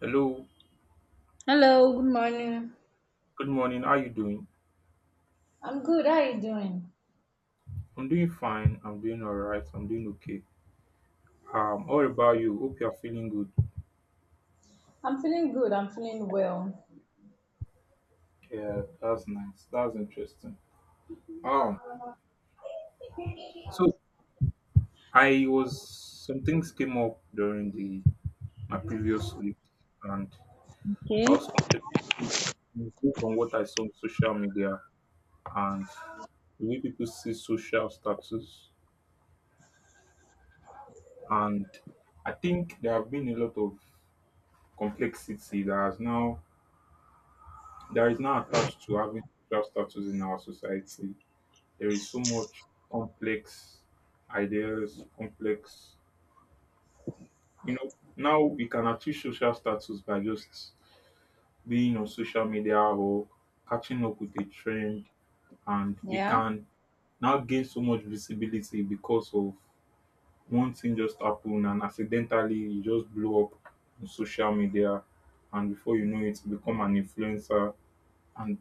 Hello, Hello, good morning. good morning. How you doing? I'm good. How are you doing? I'm doing fine. I'm doing all right. I'm doing okay. All about you. Hope you're feeling good. I'm feeling good. I'm feeling well. Yeah, that's nice. That's interesting. Um, so I was Some things came up during the my previous week, and Okay. I was contemplating improve on what I saw on social media and the way people see social status, and I think there have been a lot of complexity that has now There is now attached to having social status in our society. There is so much complex ideas, now we can achieve social status by just being on social media or catching up with a trend and we Yeah. can now gain so much visibility because of one thing just happened and accidentally you just blow up on social media, and before you know it you become an influencer. And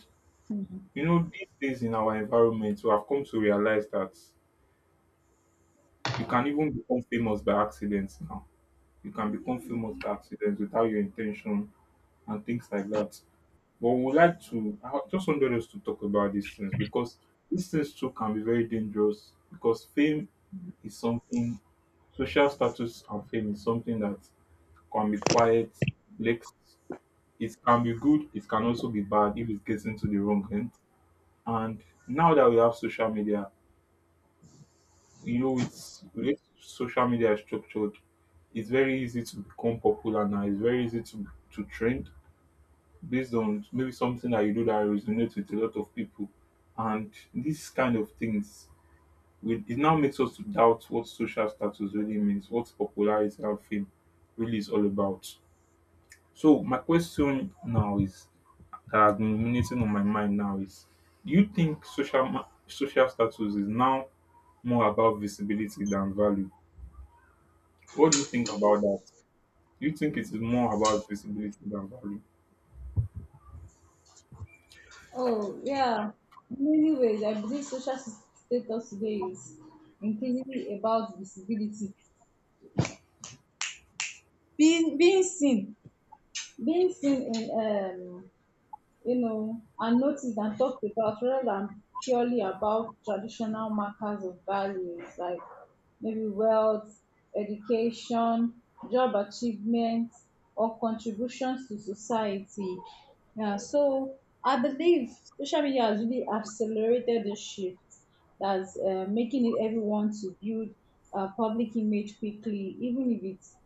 Mhm. you know, these days in our environment, we have come to realize that you can even become famous by accident now. You can become famous by accident without your intention and things like that. But we would like to, I just wanted us to talk about these things because these things too can be very dangerous, because fame is something, social status and fame is something that can be quiet, complex. It can be good, it can also be bad if it gets into the wrong hand. And now that we have social media, you know, it's the way social media is structured. It's very easy to become popular now. It's very easy to trend based on maybe something that you do that resonates with a lot of people, and these kind of things. Will It now makes us to doubt what social status really means, what popularity and fame really is all about. So my question now is that has been ruminating on my mind now is: do you think social status is now more about visibility than value? What do you think about that? Do you think it is more about visibility than value? Yeah. In many ways, I believe social status today is increasingly about visibility, being seen, being seen in and notice and talk about, rather than purely about traditional markers of values like maybe wealth, education, job achievements, or contributions to society. Yeah, so I believe social media has really accelerated the shift, that's making it everyone to build a public image quickly, even if it's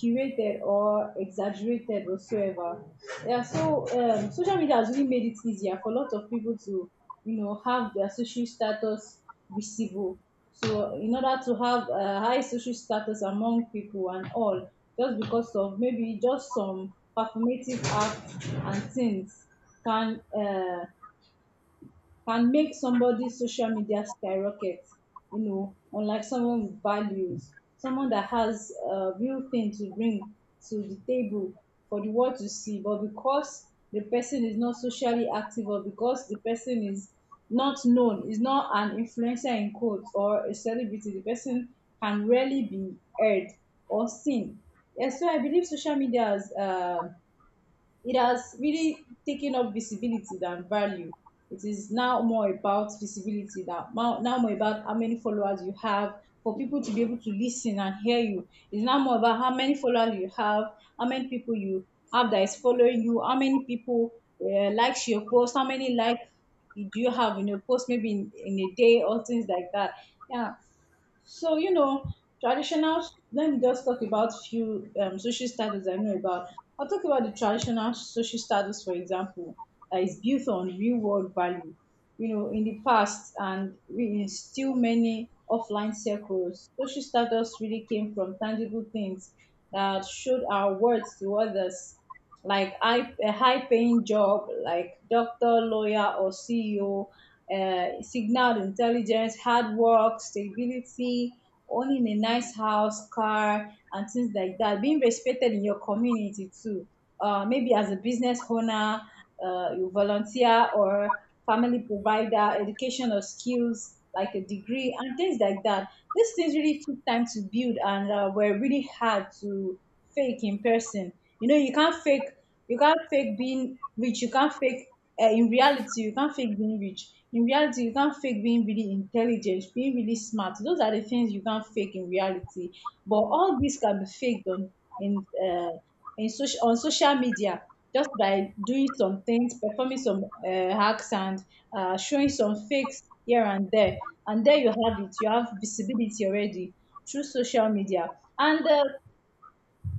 curated or exaggerated whatsoever. Yeah, so social media has really made it easier for a lot of people to, have their social status visible. So in order to have a high social status among people and all, just because of maybe just some performative acts and things can uh, can make somebody's social media skyrocket, you know, unlike someone with values, someone that has a real thing to bring to the table for the world to see. But because the person is not socially active, or because the person is not known, is not an influencer in quotes or a celebrity, the person can rarely be heard or seen. Yes, so I believe social media has it has really taken up visibility than value. It is now more about visibility than, now more about how many followers you have for people to be able to listen and hear you. It's now more about how many followers you have, how many people you have that is following you, how many people likes your post, how many likes do you have in your post maybe in a day or things like that. Yeah, so traditional. Let me just talk about few social status I know about. I'll talk about the traditional social status, for example, that is built on real world value. You know, in the past, and in still many offline circles, social status really came from tangible things that showed our worth to others, like a high paying job, like doctor, lawyer, or CEO, signaled intelligence, hard work, stability, owning a nice house, car, and things like that. Being respected in your community too. Maybe as a business owner, you volunteer or family provider, education or skills like a degree and things like that. These things really took time to build, and were really hard to fake in person. You know, you can't fake. You can't fake being rich. You can't fake. In reality, you can't fake being rich. In reality, you can't fake being really intelligent, being really smart. Those are the things you can't fake in reality. But all this can be faked in uh, on social media, just by doing some things, performing some hacks, and showing some fakes here and there. And there you have it. You have visibility already through social media. And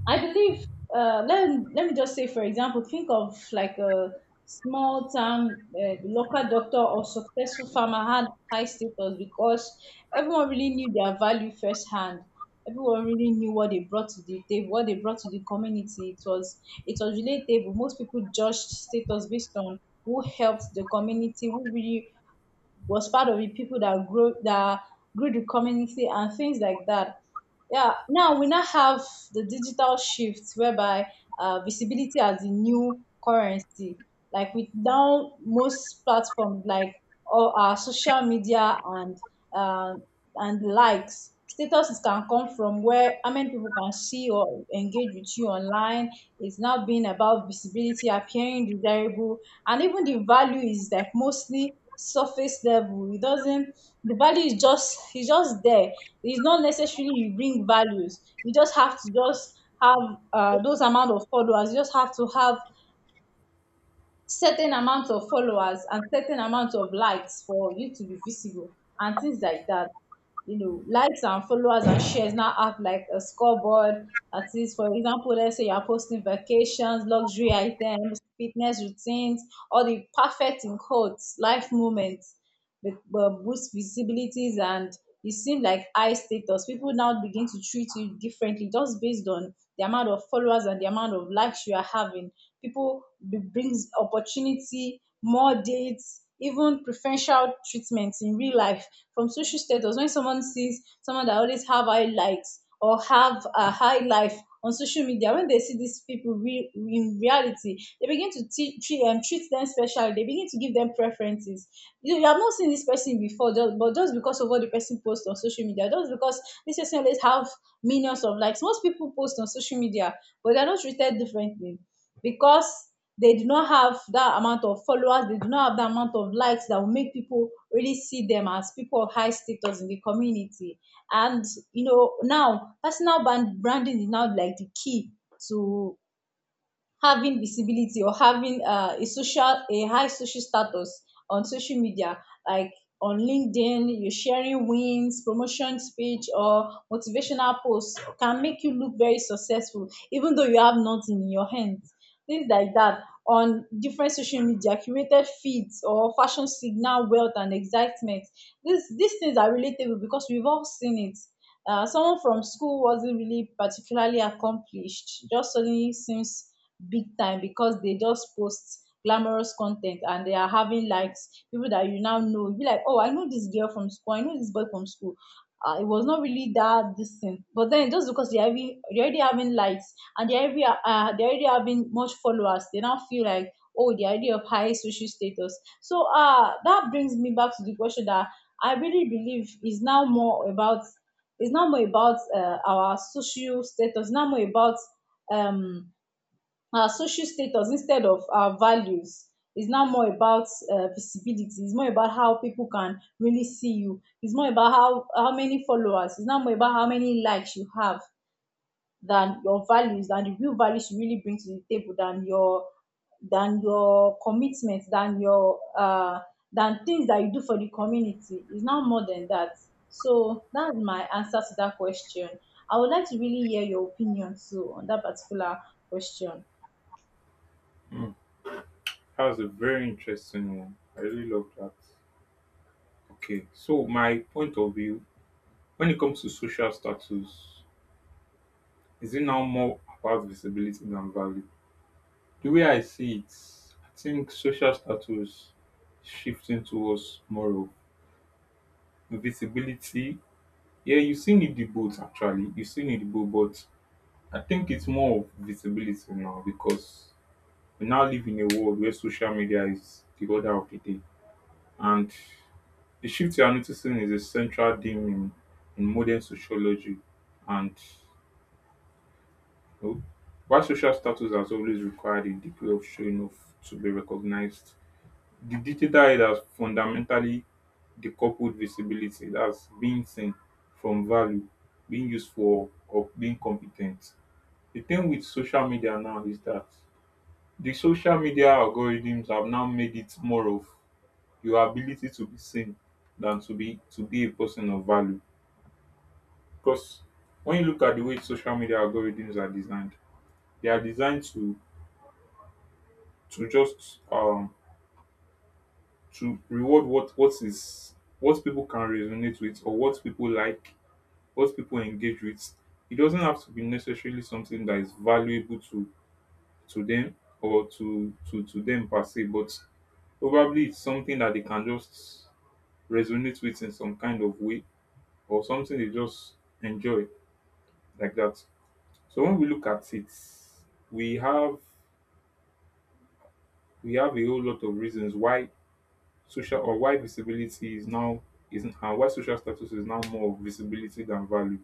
I believe, let me just say, for example, think of like a small town local doctor or successful farmer had high status because everyone really knew their value firsthand. Everyone really knew what they brought to the table, what they brought to the community. It was relatable. Most people judged status based on who helped the community, who really was part of the people that grew the community and things like that. Yeah, now we now have the digital shift whereby, visibility as the new currency. Like, with now most platforms like all our social media, uh, and likes, statuses can come from where how many people can see or engage with you online. It's now being about visibility, appearing desirable, and even the value is like mostly surface level. It doesn't. The value is just, it's just there. It's not necessarily you bring values. You just have to just have those amount of followers. You just have to have certain amount of followers and certain amount of likes for you to be visible, and things like that. You know, likes and followers and shares now have like a scoreboard. That is, for example, let's say you're posting vacations, luxury items, fitness routines, or the perfect in quotes, life moments boost visibilities, and it seems like high status. People now begin to treat you differently just based on the amount of followers and the amount of likes you are having. People it brings opportunity, more dates, even preferential treatments in real life from social status. When someone sees someone that always have high likes or have a high life on social media, when they see these people real in reality, they begin to treat them specially. They begin to give them preferences. You have not seen this person before, just but just because of what the person posts on social media, just because this person always have millions of likes. Most people post on social media but they are not treated differently because they do not have that amount of followers, they do not have that amount of likes that will make people really see them as people of high status in the community. And you know, now personal branding is now like the key to having visibility or having a high social status on social media. Like on LinkedIn, you're sharing wins, promotion speech, or motivational posts can make you look very successful, even though you have nothing in your hands, things like that. On different social media, curated feeds or fashion signal wealth and excitement. This these things are relatable because we've all seen it. Someone from school wasn't really particularly accomplished, just suddenly seems big time because they just post glamorous content and they are having likes. People that you now know, you be like, oh, I know this girl from school, I know this boy from school. It was not really that this thing, but then just because they already having likes, and they already having much followers, they now feel like, oh, the idea of high social status. So that brings me back to the question, that I really believe is now more about our social status, now more about, um our social status instead of our values is now more about, visibility. It's more about how people can really see you. It's more about how many followers, it's now more about how many likes you have than your values, than the real values you really bring to the table, than your commitment, than things that you do for the community, is now more than that. So that's my answer to that question. I would like to really hear your opinion too on that particular question. Hmm. That's a very interesting one. I really love that. Okay, so my point of view when it comes to social status, is it now more about visibility than value? The way I see it, I think social status shifting towards more of visibility. Yeah, you still need the both actually. You still need the both, but I think it's more of visibility now because we now live in a world where social media is the order of the day, and the shift you are noticing is a central theme in modern sociology. And you know, while social status has always required a degree of showing off to be recognized, the digital era has fundamentally decoupled visibility, that's being seen, from value, being useful, or being competent. The thing with social media now is that the social media algorithms have now made it more of your ability to be seen than to be a person of value. Because when you look at the way social media algorithms are designed, they are designed to just um to reward what people can resonate with or what people like, what people engage with. It doesn't have to be necessarily something that is valuable to them or to them per se, but probably it's something that they can just resonate with in some kind of way or something they just enjoy like that. So when we look at it, we have we have a whole lot of reasons why social or why visibility is now is and why social status is now more of visibility than value.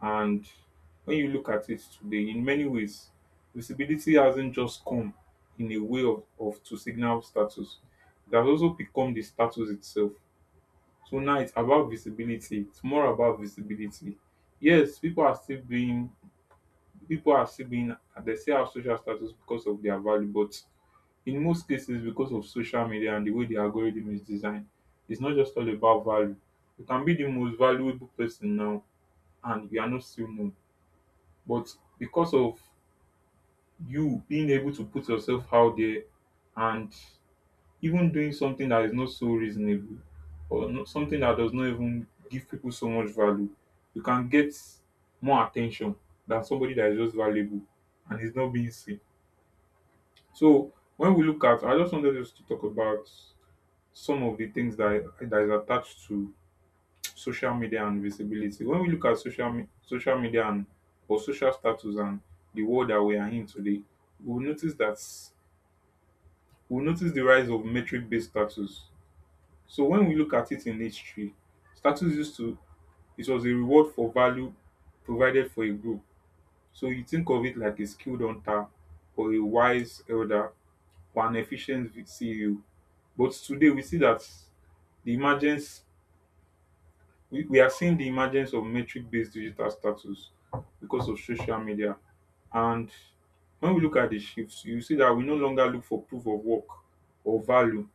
And when you look at it today, in many ways, visibility hasn't just come in a way of to signal status. It has also become the status itself. So now it's about visibility. It's more about visibility. Yes, people are still being People are still being they still have social status because of their value, but in most cases because of social media and the way the algorithm is designed, it's not just all about value. You can be the most valuable person now and you are not still known. But because of you being able to put yourself out there and even doing something that is not so reasonable or not, something that does not even give people so much value, you can get more attention than somebody that is just valuable and is not being seen. So when we look at, I just wanted us to talk about some of the things that is attached to social media and visibility. When we look at social media and or social status and the world that we are in today, we'll notice that we'll notice the rise of metric based status. So when we look at it in history, status used to it was a reward for value provided for a group. So you think of it like a skilled hunter or a wise elder for an efficient CEO. But today we see that the emergence we are seeing the emergence of metric based digital status because of social media. And when we look at the shifts, you see that we no longer look for proof of work or value.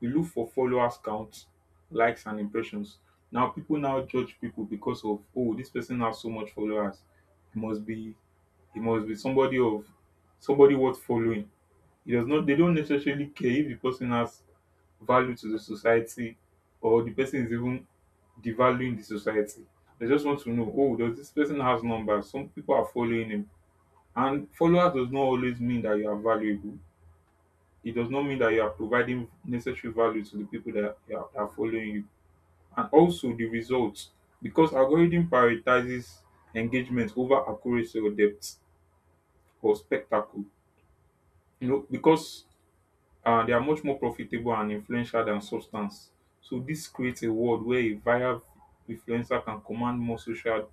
We look for followers count, likes and impressions. Now people now judge people because of oh this person has so much followers. He must be he must be somebody of somebody worth following. It does not they don't necessarily care if the person has value to the society or the person is even devaluing the society. They just want to know, oh, does this person has numbers? Some people are following him. And followers does not always mean that you are valuable. It does not mean that you are providing necessary value to the people that you are, that are following you. And also the results, because algorithm prioritizes engagement over accuracy or depth or spectacle. You know, because they are much more profitable and influential than substance. So this creates a world where a viral influencer can command more social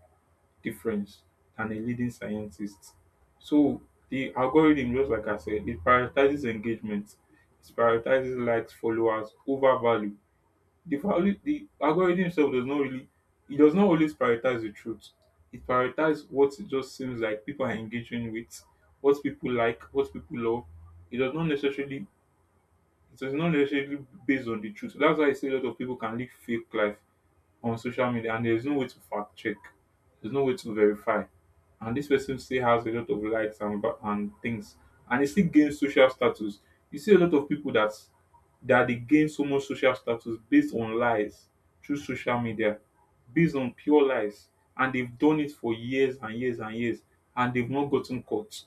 difference than a leading scientist. So the algorithm, just like I said, it prioritizes engagement, it prioritizes likes, followers over value. The value the algorithm itself does not really it does not always prioritize the truth. It prioritizes what it just seems like people are engaging with, what people like, what people love. It does not necessarily so it's not necessarily based on the truth. So that's why I say a lot of people can live fake life on social media and there's no way to fact check. There's no way to verify. And this person still has a lot of likes and and things. And it still gains social status. You see a lot of people that that they gain so much social status based on lies through social media, based on pure lies. And they've done it for years and years and years and they've not gotten caught.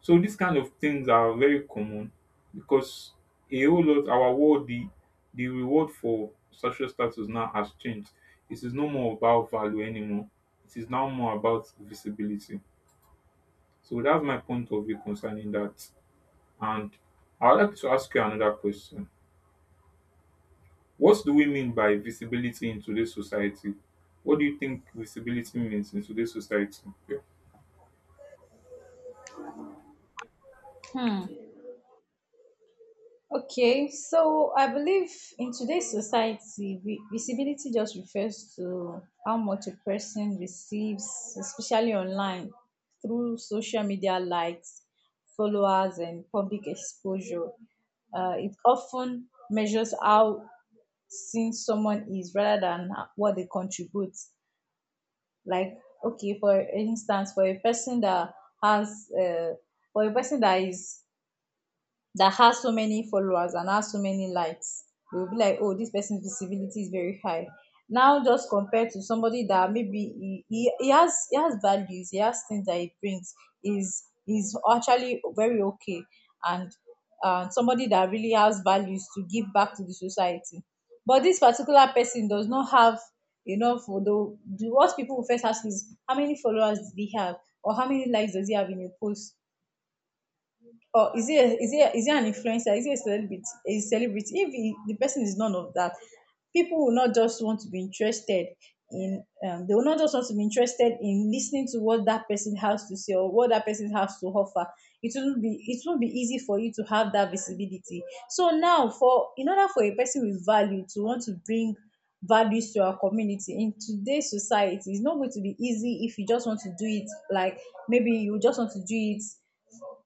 So these kind of things are very common because a whole lot our world the reward for social status now has changed. It is no more about value anymore. It is now more about visibility. So that's my point of view concerning that. And I would like to ask you another question. What do we mean by visibility in today's society? What do you think visibility means in today's society? Yeah. Hmm. Okay, so I believe in today's society, visibility just refers to how much a person receives, especially online, through social media likes, followers, and public exposure. It often measures how seen someone is rather than what they contribute. Like, okay, for instance, for a person that has, for a person that has so many followers and has so many likes, they will be like, oh, this person's visibility is very high. Now, just compared to somebody that maybe he has values, he has things that he brings, is actually very okay, and somebody that really has values to give back to the society, but this particular person does not have enough. Although the what people will first ask is, how many followers does he have, or how many likes does he have in a post, or is he a, is he a, is he an influencer? Is he a celebrity? A celebrity? If he, the person is none of that. People will not just want to be interested in. They will not just want to be interested in listening to what that person has to say or what that person has to offer. It will not be easy for you to have that visibility. So now, for in order for a person with value to want to bring values to our community in today's society, it's not going to be easy. If you just want to do it like, maybe you just want to do it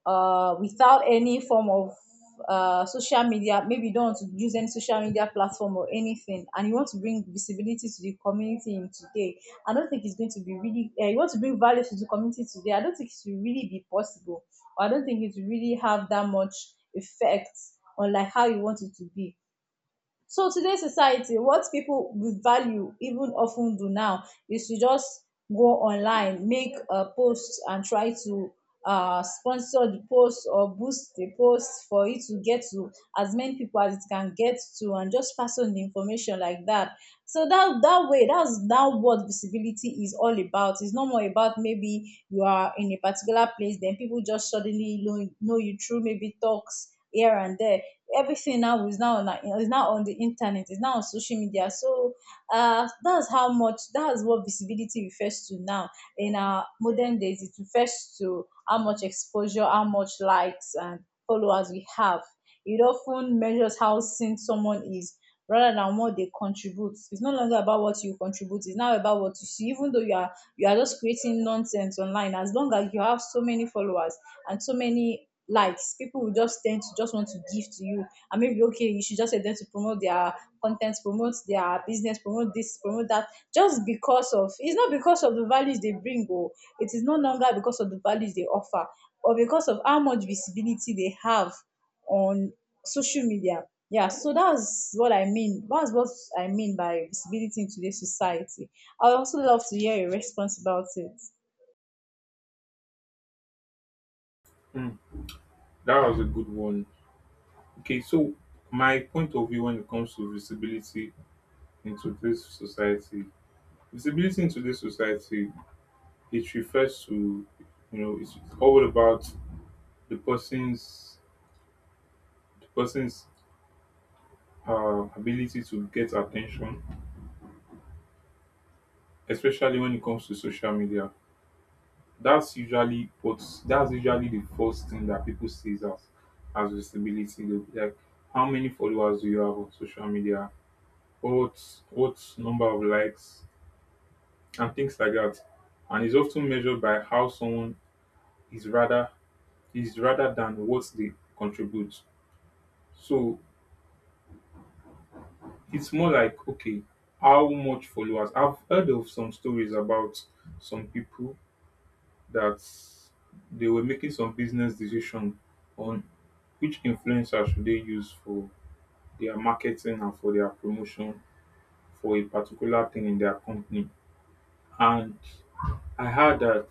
without any form of social media, maybe you don't want to use any social media platform or anything, and you want to bring visibility to the community in today, I don't think it's going to be really, you want to bring value to the community today, I don't think it will really be possible. Or I don't think it will really have that much effect on like how you want it to be. So today's society, what people with value even often do now is to just go online, make a post and try to sponsor the post or boost the post for it to get to as many people as it can get to and just pass on the information like that. So that way, that's now what visibility is all about. It's not more about maybe you are in a particular place, then people just suddenly know you through maybe talks here and there. Everything now is now on the internet, is now on social media. So that's how much that's what visibility refers to now in our modern days. It refers to how much exposure, how much likes and followers we have. It often measures how seen someone is rather than what they contribute. It's no longer about what you contribute, it's now about what you see. Even though you are just creating nonsense online, as long as you have so many followers and so many likes. People will just tend to just want to give to you. And maybe okay, you should just help them to promote their content, promote their business, promote this, promote that. Just because of it's not because of the values they bring, or it is no longer because of the values they offer, or because of how much visibility they have on social media. Yeah, so that's what I mean. That's what I mean by visibility in today's society. I would also love to hear your response about it. Hmm, that was a good one. Okay, so my point of view when it comes to visibility into this society. Visibility in today's society, it refers to, you know, it's all about the person's the person's ability to get attention, especially when it comes to social media. That's usually what that's usually the first thing that people see as visibility. They'll be like, how many followers do you have on social media? What number of likes and things like that. And it's often measured by how someone is rather is rather than what they contribute. So it's more like okay, how much followers? I've heard of some stories about some people that they were making some business decision on which influencer should they use for their marketing and for their promotion for a particular thing in their company. And I heard that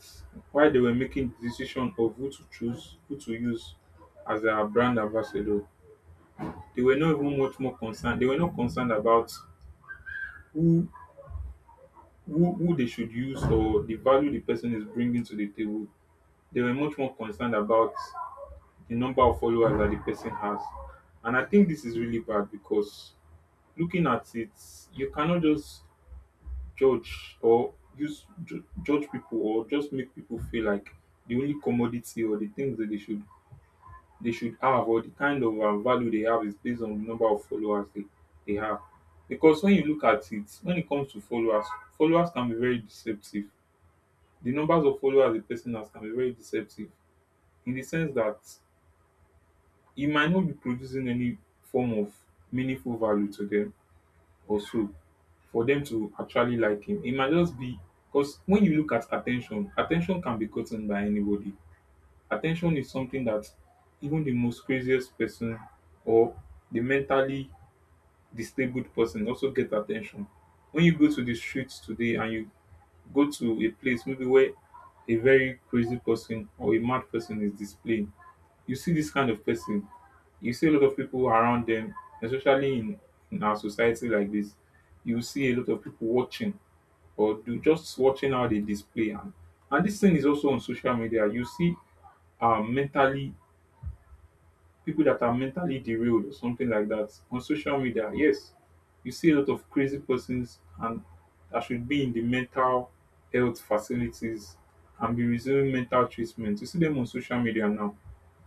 while they were making decision of who to choose, who to use as their brand ambassador, they were not even much more concerned. They were not concerned about who who they should use or the value the person is bringing to the table. They were much more concerned about the number of followers that the person has. And I think this is really bad because, looking at it, you cannot just judge or use judge people or just make people feel like the only commodity or the things that they should have or the kind of value they have is based on the number of followers they have. Because when you look at it, when it comes to followers, followers can be very deceptive. The numbers of followers a person has can be very deceptive, in the sense that he might not be producing any form of meaningful value to them or so for them to actually like him. It might just be because when you look at attention, attention can be gotten by anybody. Attention is something that even the most craziest person or the mentally disabled person also get attention. When you go to the streets today and you go to a place maybe where a very crazy person or a mad person is displaying, you see this kind of person. You see a lot of people around them, especially in our society like this. You see a lot of people watching or do just watching how they display, and this thing is also on social media. You see mentally people that are mentally derailed or something like that on social media. Yes, you see a lot of crazy persons and that should be in the mental health facilities and be receiving mental treatment. You see them on social media now.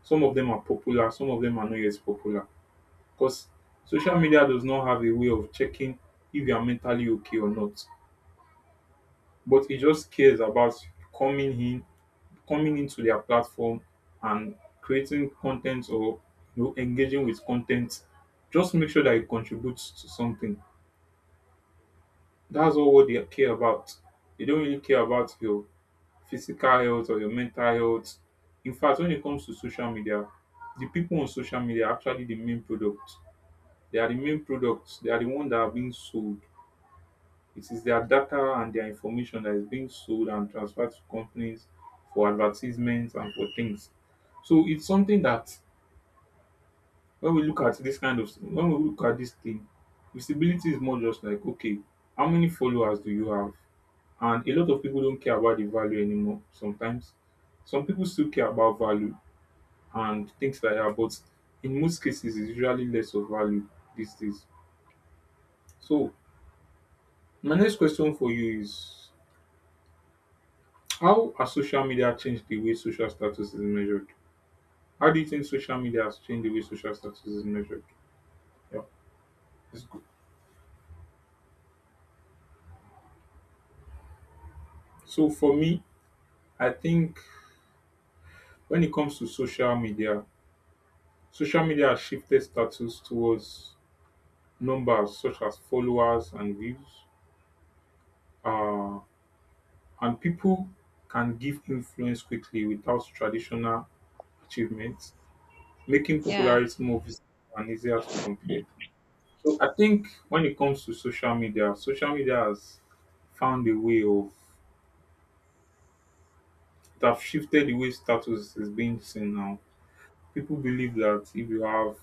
Some of them are popular, some of them are not yet popular because social media does not have a way of checking if you are mentally okay or not, but it just cares about coming in coming into their platform and creating content or engaging with content. Just make sure that it contributes to something. That's all what they care about. They don't really care about your physical health or your mental health. In fact, when it comes to social media, the people on social media are actually the main product. They are the main products, they are the ones that are being sold. It is their data and their information that is being sold and transferred to companies for advertisements and for things. So it's something that, when we look at this kind of when we look at this thing, visibility is more just like, okay, how many followers do you have? And a lot of people don't care about the value anymore. Sometimes some people still care about value and things like that, but in most cases it's usually less of value these days. So my next question for you is, how has social media changed the way social status is measured? How do you think social media has changed the way social status is measured? Yeah, it's good. So for me, I think when it comes to social media has shifted status towards numbers such as followers and views. Uh, and people can give influence quickly without traditional achievements, making Yeah. popularity more visible and easier to compare. So I think when it comes to social media has found a way of, it have shifted the way status is being seen now. People believe that if you have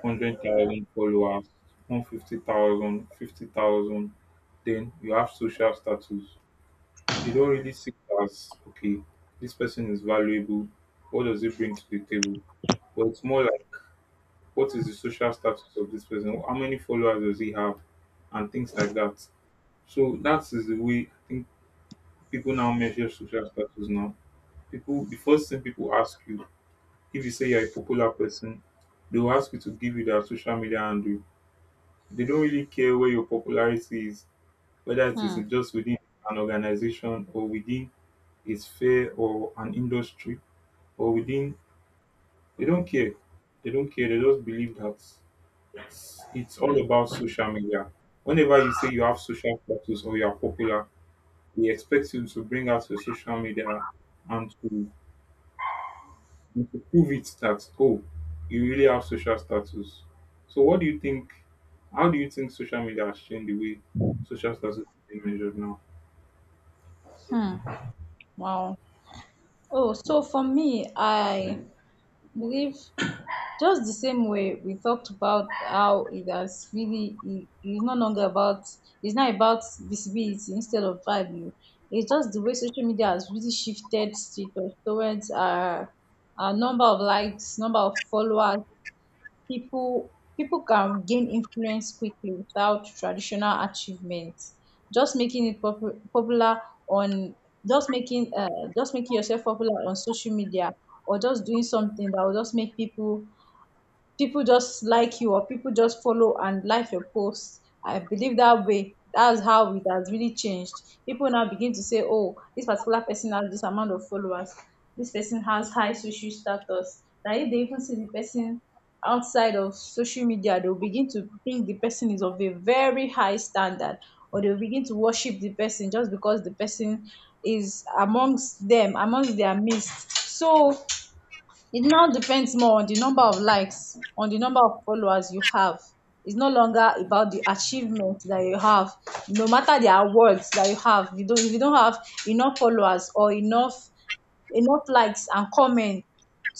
100,000 followers, 150,000, 50,000, then you have social status. They don't really see it as, okay, this person is valuable. What does it bring to the table? But it's more like, what is the social status of this person? How many followers does he have? And things like that. So that is the way I think people now measure social status now. People, the first thing people ask you, if you say you're a popular person, they will ask you to give you their social media handle. They don't really care where your popularity is, whether it is Hmm. just within an organization or within a sphere or an industry or within. They don't care. They don't care. They just believe that it's all about social media. Whenever you say you have social status or you are popular, we expect you to bring out your social media and to, and to prove it that, oh, you really have social status. So what do you think, how do you think social media has changed the way social status is being measured now? Hmm. Wow. Oh, so for me, I believe just the same way we talked about how it's no longer about it's not about visibility instead of value. It's just the way social media has really shifted towards our number of likes, number of followers, people can gain influence quickly without traditional achievements, just making it popular on, just making uh, just making yourself popular on social media or just doing something that will just make people just like you or people just follow and like your posts. I believe that way. That's how it has really changed. People now begin to say, oh, this particular person has this amount of followers. This person has high social status. That if they even see the person outside of social media, they'll begin to think the person is of a very high standard or they'll begin to worship the person just because the person is amongst them, amongst their midst. So it now depends more on the number of likes, on the number of followers you have. It's no longer about the achievement that you have. No matter the awards that you have, you don't, if you don't have enough followers or enough likes and comments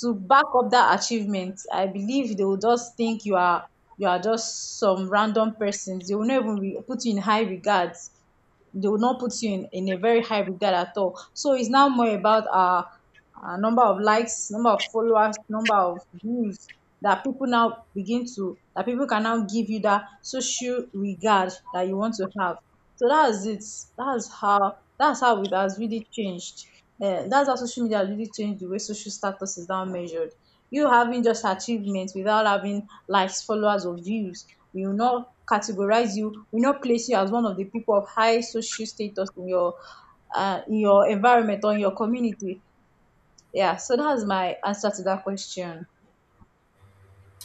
to back up that achievement, I believe they will just think you are just some random persons. They will not even put you in high regards. They will not put you in a very high regard at all. So it's now more about number of likes, number of followers, number of views, that people can now give you that social regard that you want to have. So that's it. That's how that's how it has really changed. That's how social media has really changed the way social status is now measured. You having just achievements without having likes, followers or views, we will not categorize you, we will not place you as one of the people of high social status in your environment or in your community. Yeah, so that's my answer to that question.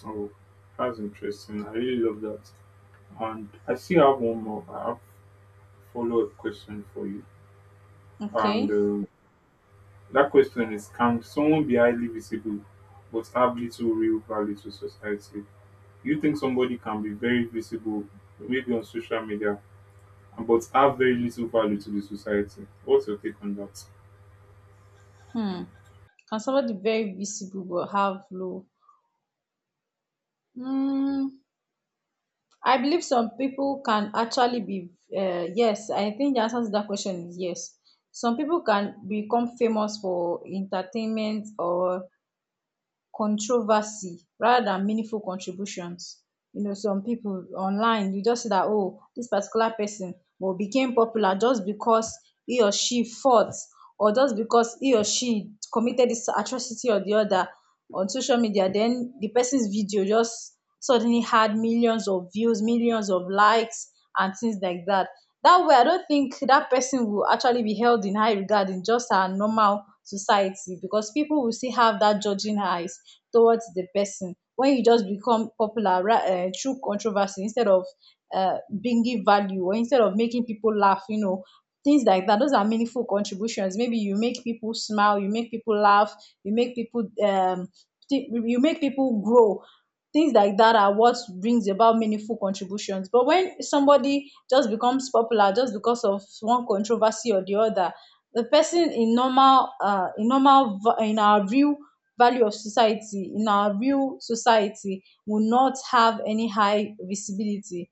Oh, that's interesting. I really love that. And I still have one more, I have follow-up question for you. And Okay. That question is, can someone be highly visible but have little real value to society? You think somebody can be very visible, maybe on social media, but have very little value to the society? What's your take on that? Hmm. Can somebody very visible but have low? Hmm. I believe some people can actually be. Yes, I think the answer to that question is yes. Some people can become famous for entertainment or controversy rather than meaningful contributions. You know, some people online, you just see that, oh, this particular person well, became popular just because he or she fought or just because he or she committed this atrocity or the other on social media. Then the person's video just suddenly had millions of views, millions of likes, and things like that. That way I don't think that person will actually be held in high regard in just our normal society, because people will still have that judging eyes towards the person when you just become popular, right, through controversy instead of bringing value or instead of making people laugh, you know, things like that, those are meaningful contributions. Maybe you make people smile, you make people laugh, you make people you make people grow. Things like that are what brings about meaningful contributions. But when somebody just becomes popular just because of one controversy or the other, the person in normal, in our real value of society, in our real society, will not have any high visibility.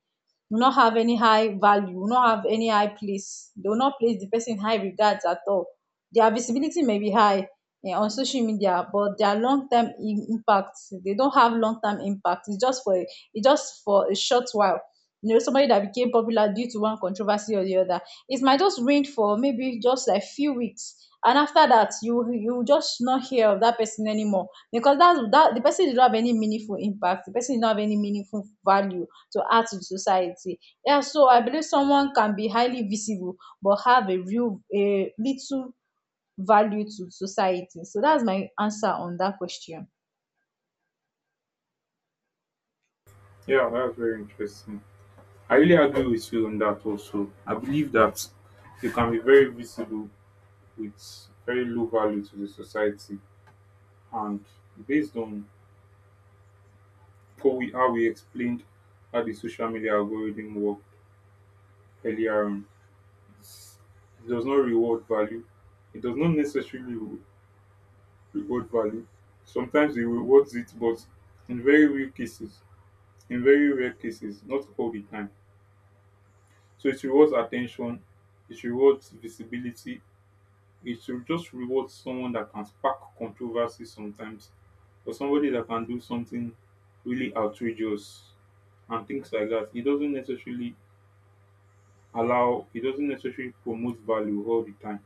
Do not have any high value. Do not have any high place. They will not place the person in high regards at all. Their visibility may be high, eh, on social media, but their impact, they don't have long-term impact. It's just for a short while. You know, somebody that became popular due to one controversy or the other, it might just reign for maybe just like few weeks, and after that you just not hear of that person anymore, because that's that the person did not have any meaningful impact, the person did not have any meaningful value to add to the society. Yeah, so I believe someone can be highly visible but have a real a little value to society. So that's my answer on that question. Yeah, that's very interesting. I really agree with you on that also. I believe that you can be very visible with very low value to the society. And based on how we explained how the social media algorithm worked earlier on, it does not reward value. It does not necessarily reward value. Sometimes it rewards it, but in very rare cases, in very rare cases, not all the time. So it rewards attention, it rewards visibility, it will just rewards someone that can spark controversy sometimes, or somebody that can do something really outrageous and things like that. It doesn't necessarily allow, it doesn't necessarily promote value all the time.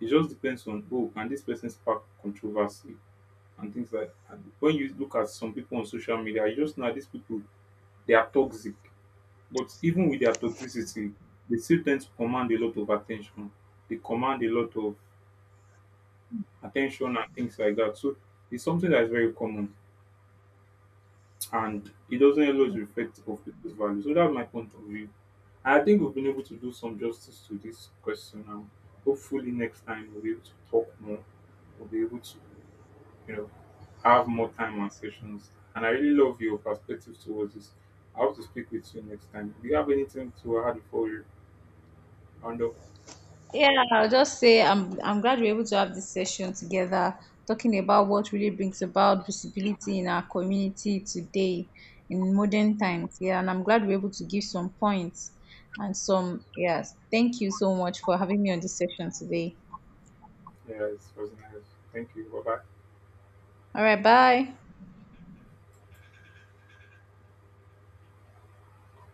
It just depends on, oh, can this person spark controversy? And things like that. And when you look at some people on social media, you just know that these people, they are toxic. But even with their toxicity, they still tend to command a lot of attention. They command a lot of attention and things like that. So it's something that is very common and it doesn't always reflect of people's values. So that's my point of view. I think we've been able to do some justice to this question now. Hopefully next time we'll be able to talk more. We'll be able to, you know, have more time and sessions. And I really love your perspective towards this. I hope to speak with you next time. Do you have anything to add before you round up? Yeah, I'll just say I'm glad we're able to have this session together, talking about what really brings about visibility in our community today in modern times. Yeah, and I'm glad we're able to give some points and some yes. Thank you so much for having me on this session today. Yes, it was nice. Thank you. Bye bye. All right, bye.